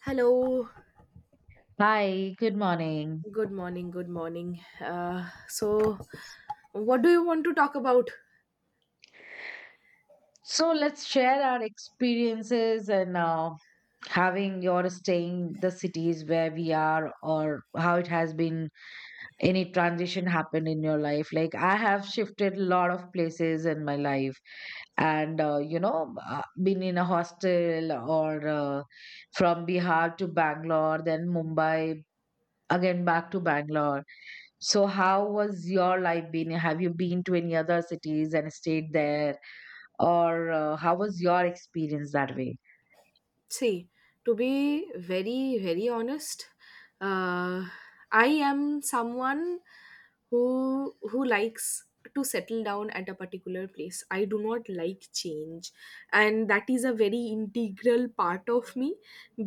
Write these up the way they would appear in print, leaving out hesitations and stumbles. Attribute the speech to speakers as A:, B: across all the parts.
A: Hello,
B: Hi, good morning.
A: good morning, good morning. So, what do you want to talk about?
B: So let's share our experiences and having your staying the cities where we are or how it has been any transition happened in your life. Like I have shifted a lot of places in my life and been in a hostel or from Bihar to Bangalore, then Mumbai, again back to Bangalore. So how was your life been? Have you been to any other cities and stayed there? Or how was your experience that way?
A: See, to be very, very honest, uh, I am someone who likes to settle down at a particular place. I do not like change, and that is a very integral part of me,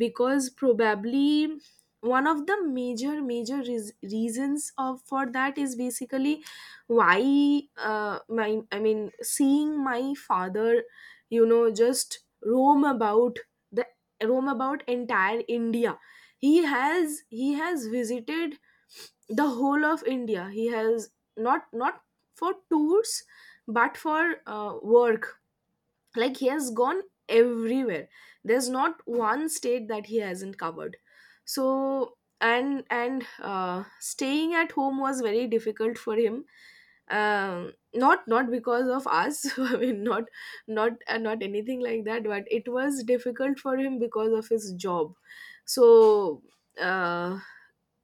A: because probably one of the major reasons of for that is basically why, my I mean, seeing my father, just roam about entire India. He has visited the whole of India. He has not for tours but for work, like he has gone everywhere. There's not one state that he hasn't covered. So and staying at home was very difficult for him, not because of us, I mean, not anything like that, but it was difficult for him because of his job. So, uh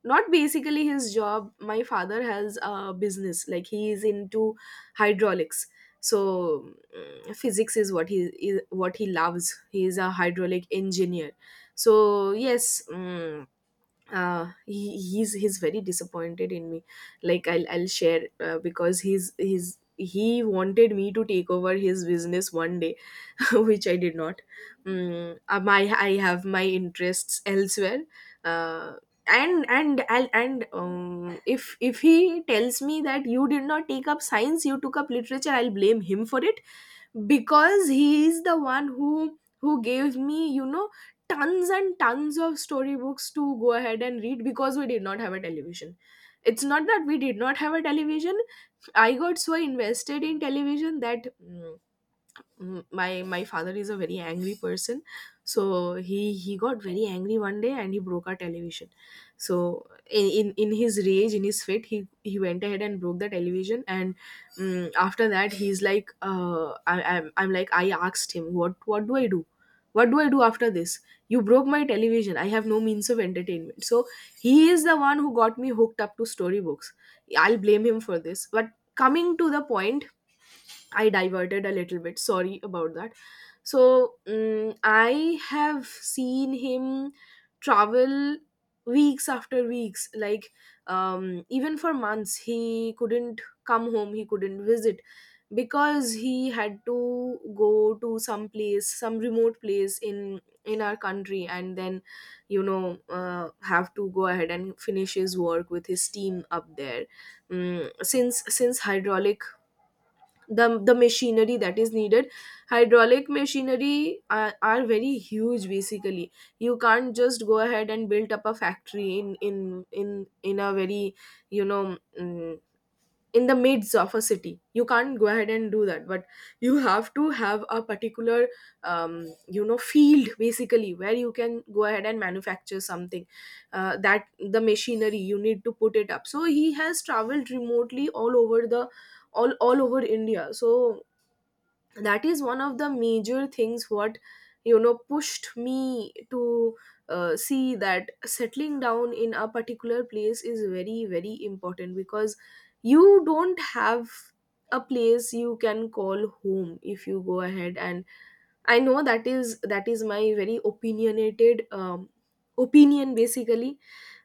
A: not basically his job, my father has a business, like he is into hydraulics. So, physics is what he loves. He is a hydraulic engineer. So yes. He's very disappointed in me, like I'll share, because he wanted me to take over his business one day, which I did not. Mm, my I have my interests elsewhere, uh, and if he tells me that you did not take up science, you took up literature, I'll blame him for it, because he is the one who gave me, tons and tons of storybooks to go ahead and read, because we did not have a television. It's not that we did not have a television; I got so invested in television that, my father is a very angry person. So he got very angry one day and he broke our television. So, in his rage, in his fit, he went ahead and broke the television. And, after that, he's like, I'm like, I asked him, what do I do? After this, you broke my television, I have no means of entertainment. So he is the one who got me hooked up to storybooks. I'll blame him for this. But coming to the point, I diverted a little bit. Sorry about that. So, I have seen him travel weeks after weeks, like, even for months. He couldn't come home. He couldn't visit because he had to go to some place, some remote place in our country, and then, have to go ahead and finish his work with his team up there. Since hydraulic, the machinery that is needed, hydraulic machinery are very huge basically. You can't just go ahead and build up a factory in a very, you know mm, in the midst of a city. You can't go ahead and do that, but you have to have a particular, field basically, where you can go ahead and manufacture something, that the machinery you need to put it up. So he has traveled remotely all over the all over India. So that is one of the major things what, pushed me to, see that settling down in a particular place is very, very important, because you don't have a place you can call home if you go ahead and, I know that is my very opinionated, opinion basically.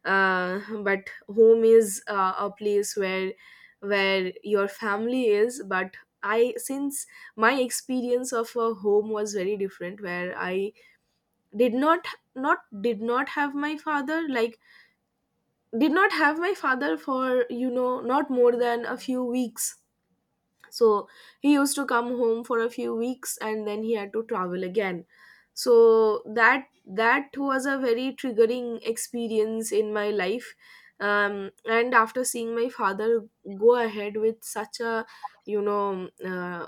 A: Uh, but home is, a place where your family is. But I since my experience of a home was very different, where I did not did not have my father, like, did not have my father for, not more than a few weeks. So he used to come home for a few weeks and then he had to travel again. So that was a very triggering experience in my life. Um, and after seeing my father go ahead with such a, you know uh,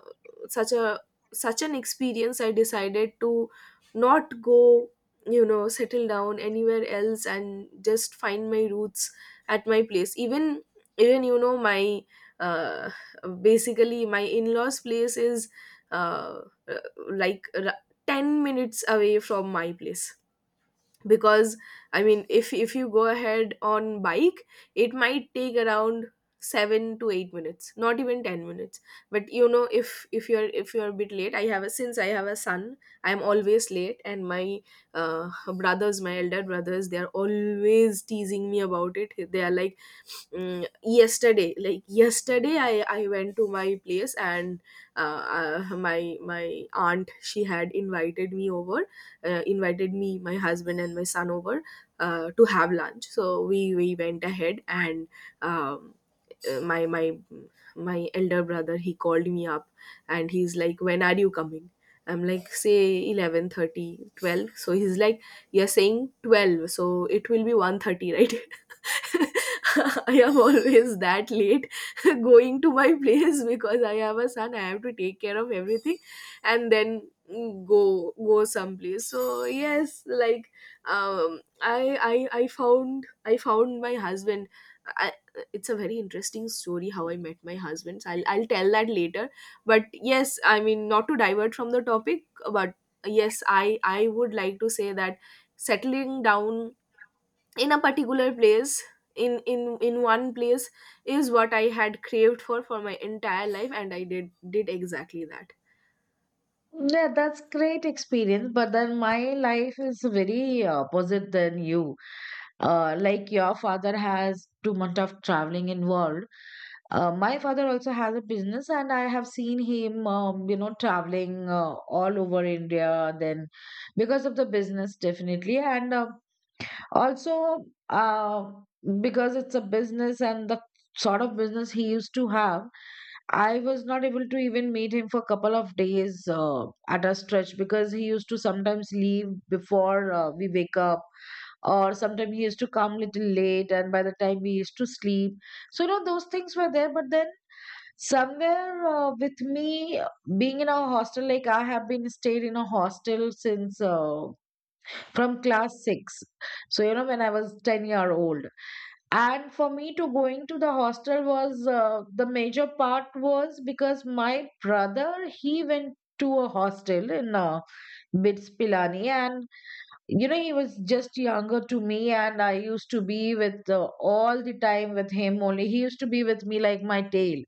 A: such a such an experience, I decided to not go, settle down anywhere else and just find my roots at my place. Even, my, uh, basically my in-laws place is, uh, uh, like r- 10 minutes away from my place, because I mean, if you go ahead on bike, it might take around 7 to 8 minutes, not even 10 minutes. But you know, if you're a bit late, I have a since I have a son, I'm always late. And my, uh, brothers, my elder brothers, they're always teasing me about it. They are like, mm, yesterday, I went to my place, and, my aunt, she had invited me over, invited me, my husband, and my son over, to have lunch. So we went ahead, and, um, uh, my my my elder brother, he called me up, and he's like, "When are you coming?" I'm like, say 11, 30, 12. So he's like, you're saying 12, so it will be 1:30, right? I am always that late, going to my place because I have a son. I have to take care of everything, and then, go someplace. So yes, like, um, I I I found my husband. I, it's a very interesting story how I met my husband. So I'll tell that later. But yes, I mean, not to divert from the topic, but yes, I would like to say that settling down in a particular place, in one place, is what I had craved for my entire life, and I did exactly that.
B: Yeah, that's great experience. But then my life is very opposite than you. Like your father has too much of traveling involved. My father also has a business, and I have seen him, you know, traveling all over India. Then, because of the business, definitely, and Also, because it's a business and the sort of business he used to have, I was not able to even meet him for a couple of days at a stretch because he used to sometimes leave before we wake up, or sometimes he used to come little late, and by the time we used to sleep. So, you know, those things were there, but then somewhere with me being in a hostel, like I have been stayed in a hostel since from class 6, so you know when I was 10-year old. And for me to going to the hostel was the major part was because my brother he went to a hostel in BITS Pilani. And you know he was just younger to me and I used to be with all the time with him only. He used to be with me like my tail.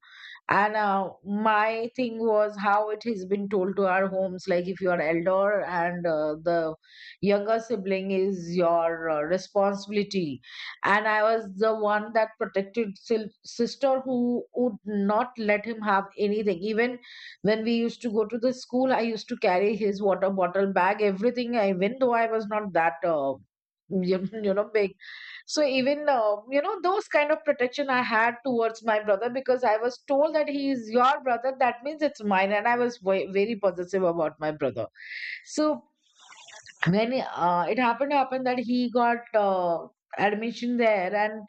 B: And my thing was how it has been told to our homes, like if you are elder and the younger sibling is your responsibility. And I was the one that protected sister who would not let him have anything. Even when we used to go to the school, I used to carry his water bottle bag, everything, even though I was not that. You know big. So even you know those kind of protection I had towards my brother because I was told that he is your brother that means it's mine, and I was very possessive about my brother. So when it happened to happen that he got admission there, and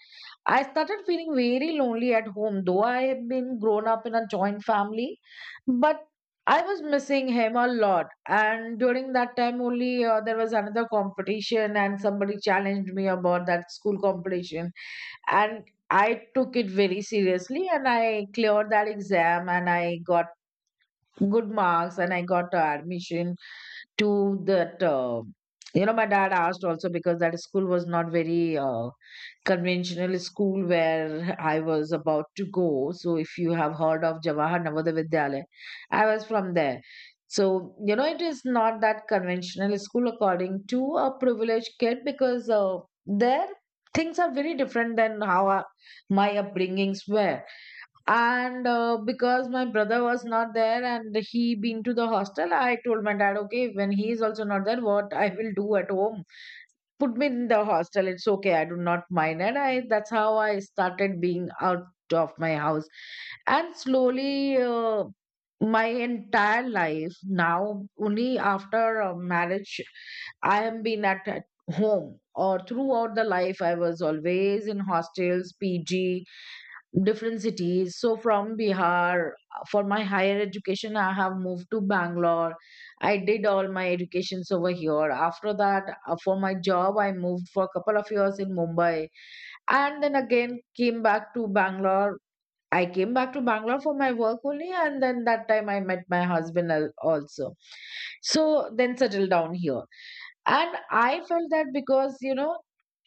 B: I started feeling very lonely at home though I had been grown up in a joint family. But I was missing him a lot, and during that time only there was another competition and somebody challenged me about that school competition. And I took it very seriously and I cleared that exam and I got good marks and I got admission to that you know. My dad asked also because that school was not very conventional school where I was about to go. So if you have heard of Jawahar Navodaya Vidyalaya, I was from there. So you know it is not that conventional school according to a privileged kid, because there things are very different than how my upbringings were. And because my brother was not there and he been to the hostel, I told my dad, okay, when he is also not there, what I will do at home? Put me in the hostel, it's okay, I do not mind. And I, that's how I started being out of my house. And slowly my entire life, now only after marriage I am been at home. Or throughout the life I was always in hostels, PG, different cities. So from Bihar, for my higher education, I have moved to Bangalore. I did all my educations over here. After that, for my job, I moved for a couple of years in Mumbai, and then again came back to Bangalore. I came back to Bangalore for my work only, and then that time I met my husband also. So then settled down here. And I felt that because, you know,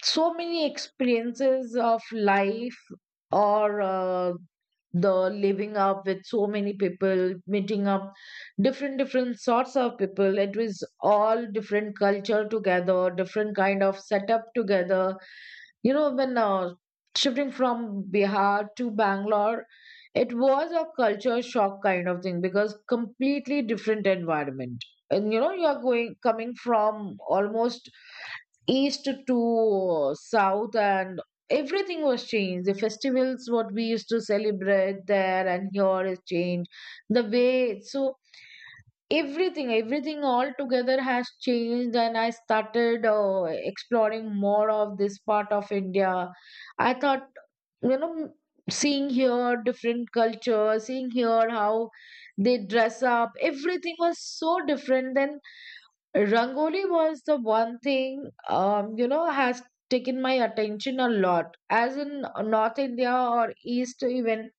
B: so many experiences of life or the living up with so many people meeting up different different sorts of people, it was all different culture together, different kind of setup together. You know, when shifting from Bihar to Bangalore, it was a culture shock kind of thing because completely different environment. And you know, you are going coming from almost east to south, and everything was changed. The festivals what we used to celebrate there and here is changed the way. So everything everything all together has changed, and I started exploring more of this part of India. I thought, you know, seeing here different culture, seeing here how they dress up, everything was so different than Rangoli was the one thing, you know, has taken my attention a lot. As in North India or East, even,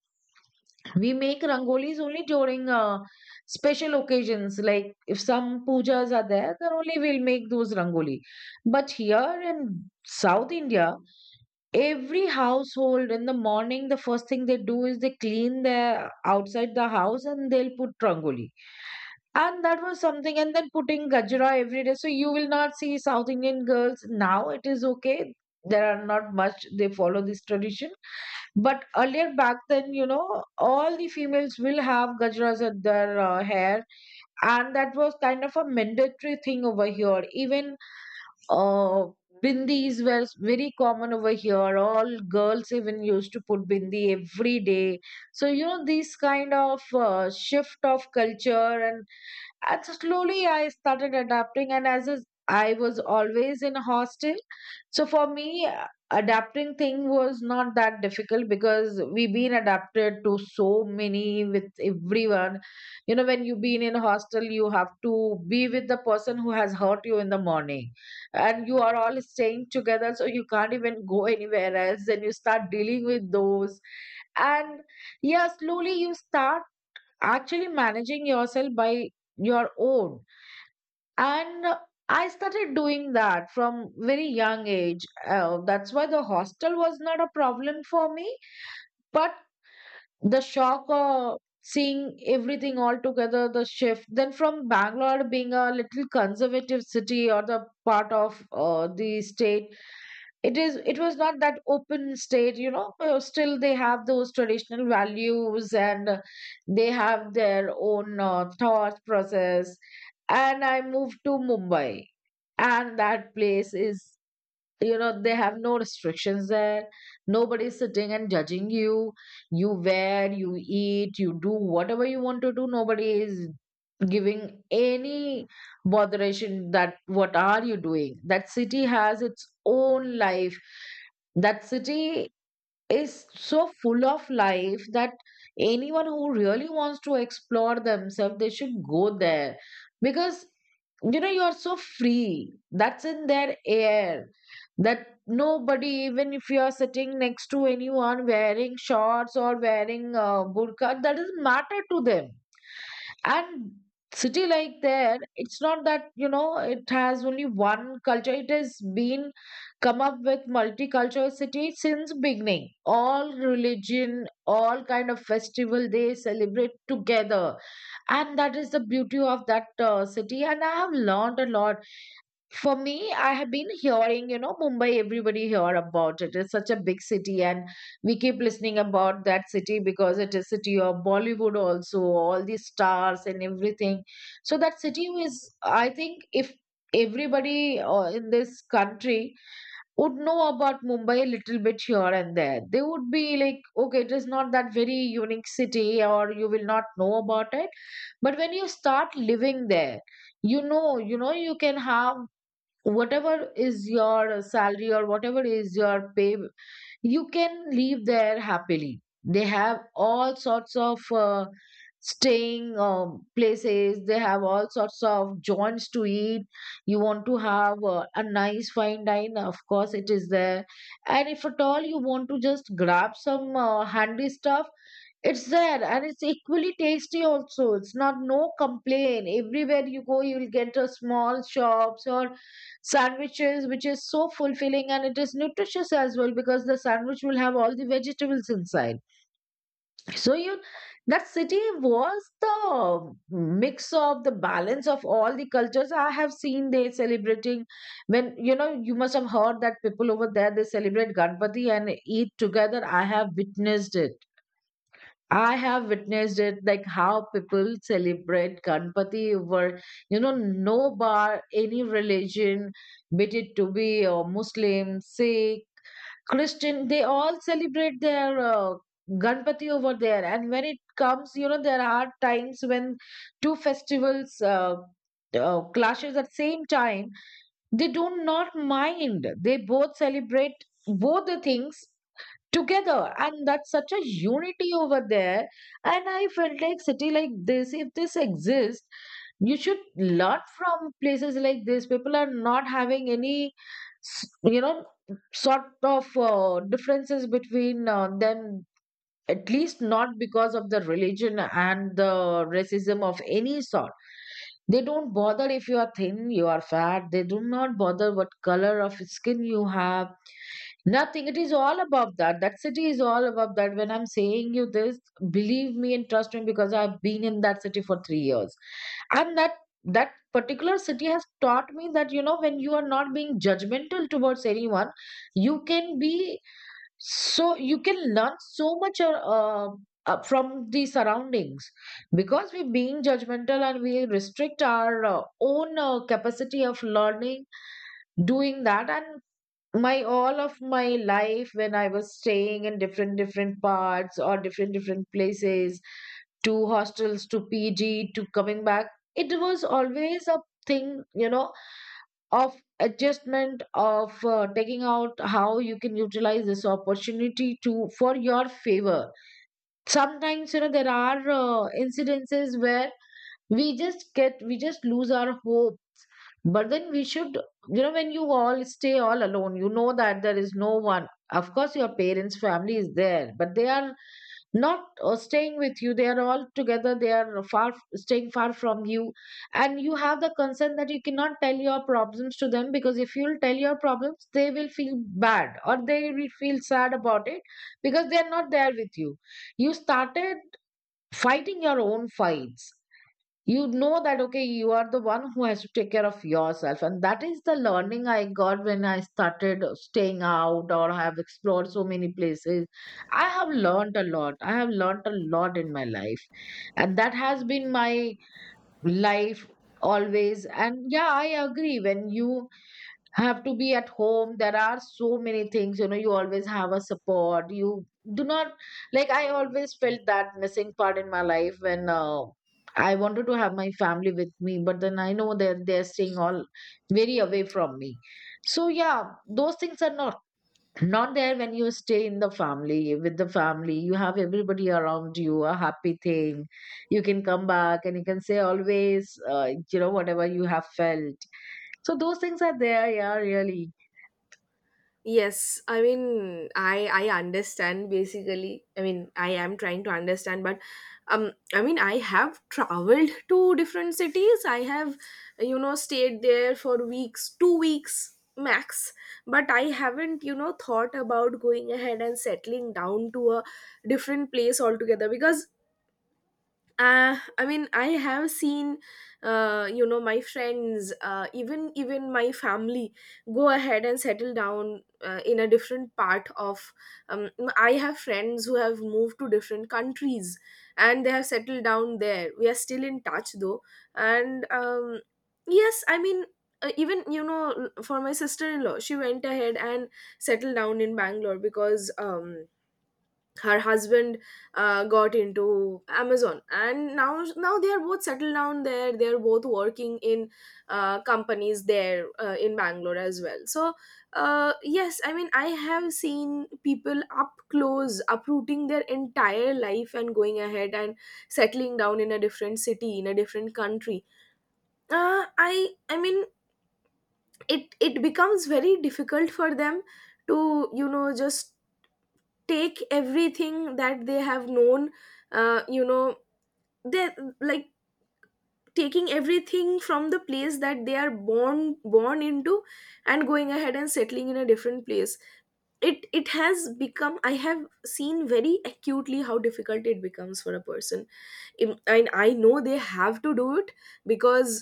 B: we make rangolis only during special occasions. Like if some pujas are there, then only we'll make those rangoli. But here in South India, every household in the morning, the first thing they do is they clean their outside the house and they'll put rangoli. And that was something. And then putting gajra every day. So you will not see South Indian girls now. It is okay. There are not much, they follow this tradition. But earlier back then, you know, all the females will have gajras at their hair. And that was kind of a mandatory thing over here. Even uh, bindis were very common over here. All girls even used to put bindi every day. So, you know, this kind of shift of culture, and so slowly I started adapting. And as is, I was always in a hostel, so for me, adapting thing was not that difficult because we've been adapted to so many with everyone. You know, when you've been in a hostel, you have to be with the person who has hurt you in the morning, and you are all staying together, so you can't even go anywhere else, and you start dealing with those. And yeah, slowly you start actually managing yourself by your own. And I started doing that from very young age. That's why the hostel was not a problem for me. But the shock of seeing everything all together, the shift then from Bangalore being a little conservative city or the part of the state, it is it was not that open state. You know still they have those traditional values and they have their own thought process. And I moved to Mumbai, and that place is, you know, they have no restrictions there. Nobody's sitting and judging you. You wear, you eat, you do whatever you want to do. Nobody is giving any botheration that what are you doing. That city has its own life. That city is so full of life that anyone who really wants to explore themselves they should go there, because you know you're so free, that's in their air, that nobody, even if you are sitting next to anyone wearing shorts or wearing burqa, that doesn't matter to them. And city like there, it's not that, you know, it has only one culture. It has been come up with multicultural city since beginning. All religion, all kind of festival they celebrate together. And that is the beauty of that city. And I have learned a lot. For me, I have been hearing, you know, Mumbai, everybody hear about it. It's such a big city, and we keep listening about that city because it is city of Bollywood also, all the stars and everything. So that city is, I think, if everybody in this country would know about Mumbai a little bit here and there, they would be like, okay, it is not that very unique city, or you will not know about it. But when you start living there, you know you know you can have whatever is your salary or whatever is your pay, you can leave there happily. They have all sorts of staying places. They have all sorts of joints to eat. You want to have a nice fine dine, of course it is there. And if at all you want to just grab some handy stuff, it's there and it's equally tasty also. It's not, no complaint. Everywhere you go, you will get a small shops or sandwiches, which is so fulfilling and it is nutritious as well because the sandwich will have all the vegetables inside. So you, that city was the mix of the balance of all the cultures. I have seen they celebrating when you know you must have heard that people over there they celebrate Ganpati and eat together. I have witnessed it, like how people celebrate Ganpati over, you know, no bar, any religion, be it to be Muslim, Sikh, Christian, they all celebrate their Ganpati over there. And when it comes, you know, there are times when two festivals clashes at same time. They do not mind. They both celebrate both the things together, and that's such a unity over there. And I felt like, city like this, if this exists you should learn from places like this. People are not having any s- you know sort of differences between them, at least not because of the religion and the racism of any sort. They don't bother if you are thin, you are fat. They do not bother what color of skin you have. Nothing. It is all above that. That city is all above that. When I'm saying you this, believe me and trust me, because I've been in that city for 3 years. And that that particular city has taught me that, you know, when you are not being judgmental towards anyone, you can be you can learn so much from the surroundings, because we being judgmental, and we restrict our own capacity of learning doing that. And my all of my life when I was staying in different parts or different places, to hostels, to pg, to coming back, it was always a thing, you know, of adjustment, of taking out how you can utilize this opportunity to for your favor. Sometimes, you know, there are incidences where we just lose our hope. But then we should, you know, when you all stay all alone, you know that there is no one. Of course, your parents' family is there, but they are not staying with you. They are all together. They are far, staying far from you, and you have the concern that you cannot tell your problems to them, because if you'll tell your problems, they will feel bad or they will feel sad about it, because they are not there with you. You started fighting your own fights. You know that okay, you are the one who has to take care of yourself, and that is the learning I got when I started staying out, or I have explored so many places. I have learned a lot. I have learned a lot in my life, and that has been my life always. And yeah, I agree, when you have to be at home, there are so many things, you know, you always have a support. You do not, like, I always felt that missing part in my life when I wanted to have my family with me, but then I know that they're staying all very away from me. So yeah, those things are not not there when you stay in the family. With the family you have everybody around you, a happy thing. You can come back and you can say always you know whatever you have felt. So those things are there, yeah, really.
A: Yes, I mean, I understand basically. I mean, I am trying to understand, but, I mean, I have traveled to different cities, I have, stayed there for weeks, 2 weeks max. But I haven't, thought about going ahead and settling down to a different place altogether, because, I mean, I have seen, my friends, even my family go ahead and settle down, in a different part of, um, I have friends who have moved to different countries, and they have settled down there. We are still in touch though. And, yes, I mean, even you know for my sister-in-law, she went ahead and settled down in Bangalore, because, her husband, got into Amazon, and now they are both settled down there. They are both working in, companies there, in Bangalore as well. So, yes, I mean, I have seen people up close uprooting their entire life and going ahead and settling down in a different city, in a different country. I mean, it becomes very difficult for them to, just take everything that they have known, uh, you know they, like, taking everything from the place that they are born into, and going ahead and settling in a different place. It has become I have seen very acutely how difficult it becomes for a person. And I know they have to do it, because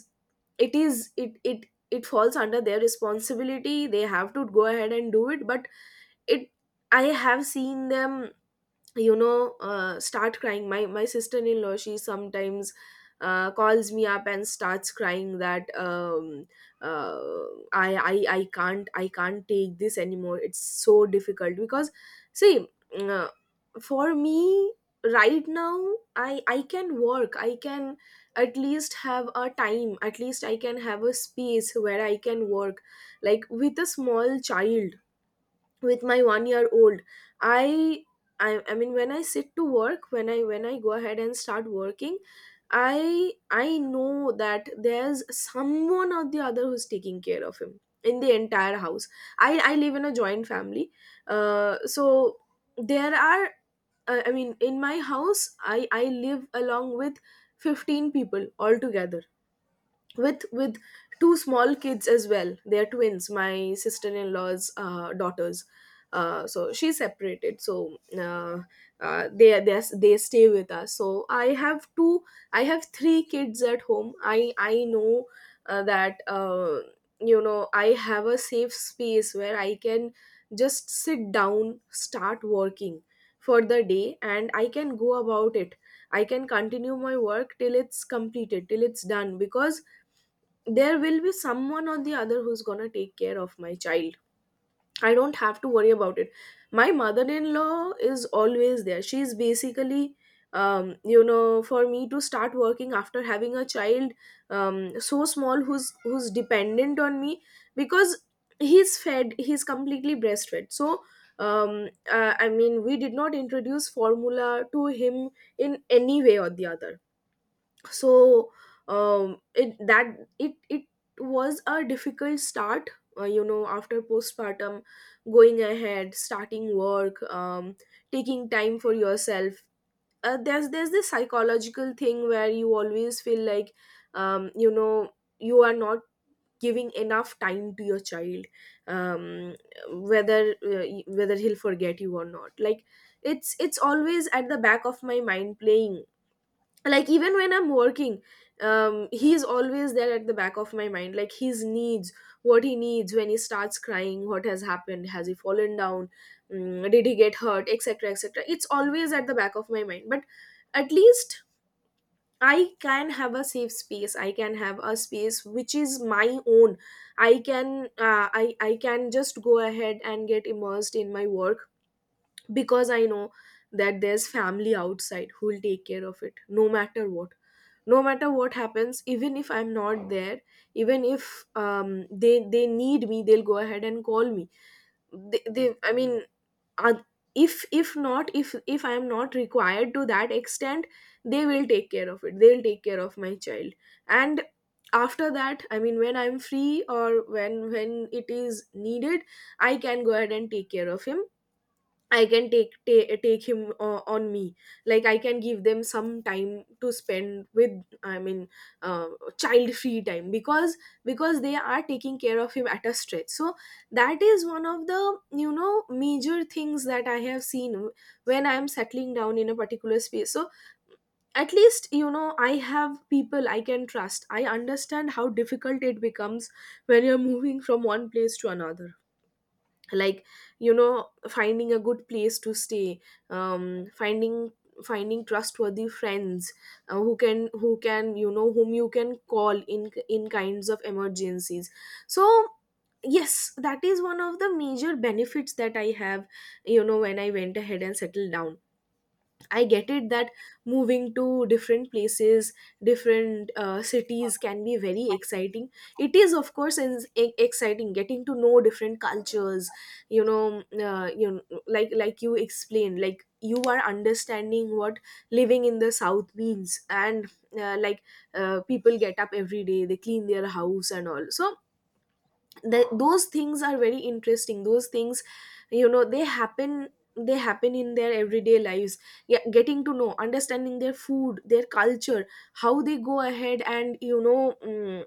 A: it is, it falls under their responsibility. They have to go ahead and do it. But, it I have seen them, start crying. My sister-in-law, she sometimes, calls me up and starts crying that, uh, I can't, I can't take this anymore. It's so difficult, because, see, uh, for me right now, I can work. I can at least have a time, at least I can have a space where I can work, like, with a small child, with my 1 year old. i I mean, when I sit to work, when I go ahead and start working, I know that there's someone or the other who's taking care of him in the entire house. I live in a joint family. So there are, I mean, in my house, I live along with 15 people altogether, with two small kids as well. They are twins, my sister-in-law's, daughters. So she's separated, so, they stay with us. So I have two, I have three kids at home. I know, that you know I have a safe space where I can just sit down, start working for the day, and I can go about it. I can continue my work till it's completed, till it's done, because there will be someone or the other who's gonna take care of my child. I don't have to worry about it. My mother in law is always there. She's basically, for me to start working after having a child, so small, who's dependent on me, because he's fed, he's completely breastfed. So, I mean, we did not introduce formula to him in any way or the other. So um it that it it was a difficult start, after postpartum, going ahead, starting work, taking time for yourself. There's this psychological thing where you always feel like, um you know you are not giving enough time to your child. um whether he'll forget you or not, like it's always at the back of my mind, playing, like even when I'm working, he's always there at the back of my mind, like his needs, what he needs, when he starts crying, what has happened, has he fallen down, did he get hurt, etc, etc. It's always at the back of my mind, but at least I can have a safe space, I can have a space which is my own. I can just go ahead and get immersed in my work, because I know that there's family outside who will take care of it, no matter what, no matter what happens, even if I'm not there, even if, they need me, they'll go ahead and call me. They, I mean, uh, if not, if I'm not required to that extent, they will take care of it, they'll take care of my child. And after that, I mean, when I'm free, or when it is needed, I can go ahead and take care of him. I can take him, on me. Like I can give them some time to spend with, I mean, uh, child free time, because they are taking care of him at a stretch. So that is one of the, major things that I have seen when I am settling down in a particular space. So at least, I have people I can trust. I understand how difficult it becomes when you're moving from one place to another, like, finding a good place to stay, um finding finding trustworthy friends, who can, whom you can call in kinds of emergencies. So yes, that is one of the major benefits that I have, when I went ahead and settled down. I get it that moving to different places, different cities can be very exciting. It is, of course, exciting, getting to know different cultures. Like you explained, like you are understanding what living in the south means, and like, people get up every day, they clean their house and all. So those things are very interesting, those things, you know they happen they happen in their everyday lives. Yeah, getting to know, understanding their food, their culture, how they go ahead and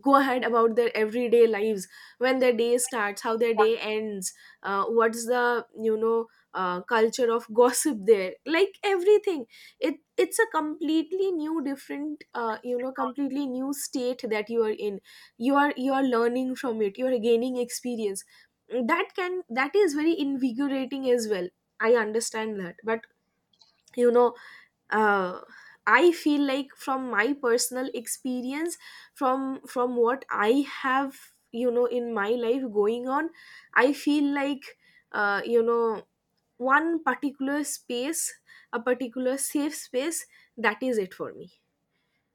A: go ahead about their everyday lives, when their day starts, how their day ends. What's the, culture of gossip there, like everything. It's a completely new, different, completely new state that you are in. You are learning from it, you are gaining experience. That is very invigorating as well. I understand that, but, you know uh, I feel like, from my personal experience, from what I have, in my life going on, I feel like, uh, you know one particular space, a particular safe space, that is it for me.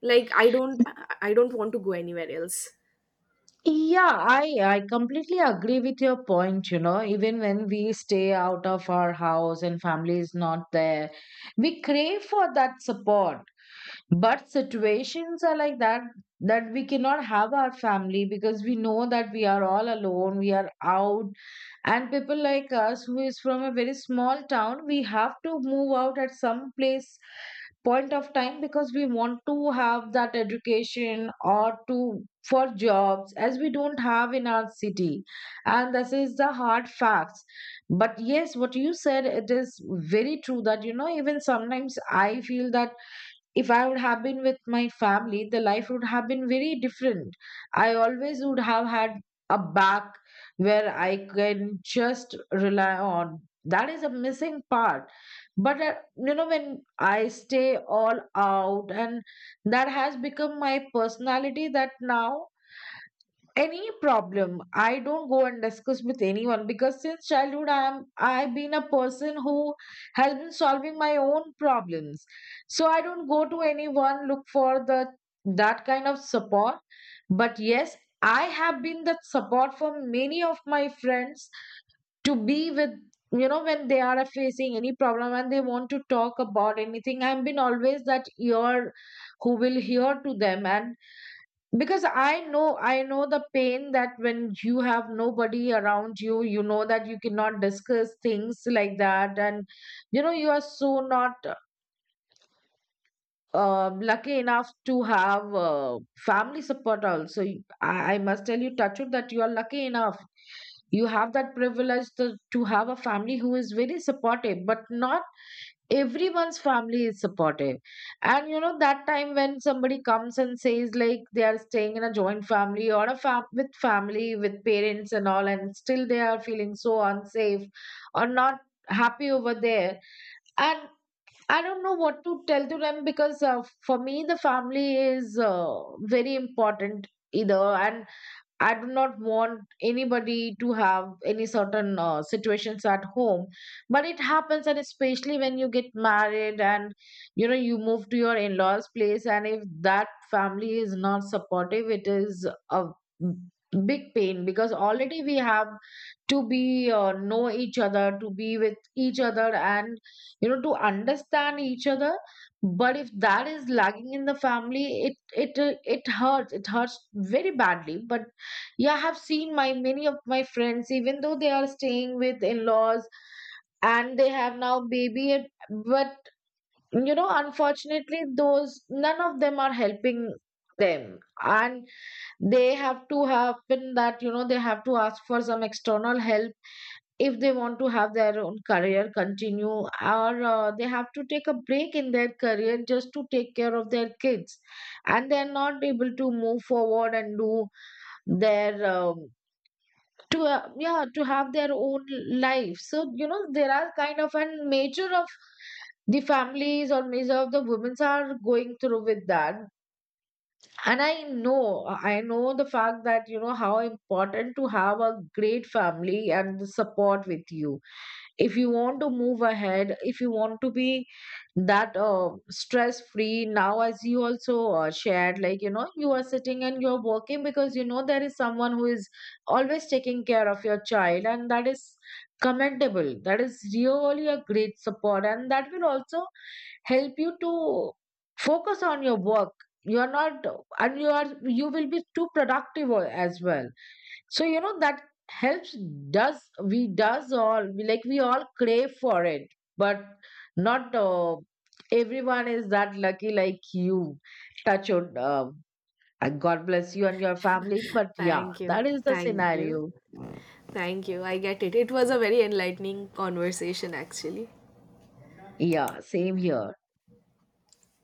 A: Like I don't want to go anywhere else.
B: Yeah, I completely agree with your point, you know, even when we stay out of our house and family is not there, we crave for that support. But situations are like that, that we cannot have our family, because we know that we are all alone, we are out. And people like us who is from a very small town, we have to move out at some place point of time, because we want to have that education or to for jobs, as we don't have in our city. And this is the hard facts. But yes, what you said, it is very true that, you know, even sometimes I feel that if I would have been with my family, the life would have been very different. I always would have had a back where I can just rely on. That is a missing part. But, you know, when I stay all out, and that has become my personality that now any problem, I don't go and discuss with anyone, because since childhood I am, I've been a person who has been solving my own problems. So I don't go to anyone look for the that kind of support. But yes, I have been that support for many of my friends, to be with, you know, when they are facing any problem and they want to talk about anything. I've been always that ear who will hear to them. And because I know, I know the pain, that when you have nobody around you, you know that you cannot discuss things like that. And you know, you are so not lucky enough to have family support also. I must tell you, Tachut, that you are lucky enough. You have that privilege to have a family who is very supportive, but not everyone's family is supportive. And you know that time when somebody comes and says like, they are staying in a joint family, or a with family, with parents and all, and still they are feeling so unsafe or not happy over there. And I don't know what to tell to them, because for me, the family is very important either. And I do not want anybody to have any certain situations at home. But it happens, and especially when you get married and you know, you move to your in-laws place, and if that family is not supportive, it is a big pain. Because already we have to be know each other, to be with each other, and you know, to understand each other. But if that is lagging in the family, it hurts. It hurts very badly. But yeah, I have seen my many of my friends, even though they are staying with in-laws and they have now baby but, you know, unfortunately, those none of them are helping them. And they have to happen that, you know, they have to ask for some external help if they want to have their own career continue, or they have to take a break in their career just to take care of their kids, and they're not able to move forward and do their to yeah, to have their own life. So you know, there are kind of an major of the families or major of the women's are going through with that. And I know, I know the fact that, you know, how important to have a great family and the support with you if you want to move ahead, if you want to be that stress free. Now as you also shared, like, you know, you are sitting and you're working because you know there is someone who is always taking care of your child, and that is commendable. That is really a great support, and that will also help you to focus on your work. You're not and You are, you will be too productive as well. So you know, that helps. Does, we does all, we like, we all crave for it. But not everyone is that lucky like you. Touch your and god bless you and your family. But yeah,
A: Thank you.
B: that is the
A: Thank you.
B: scenario.
A: Thank you. I get it, it was a very enlightening conversation, actually.
B: Yeah, same here.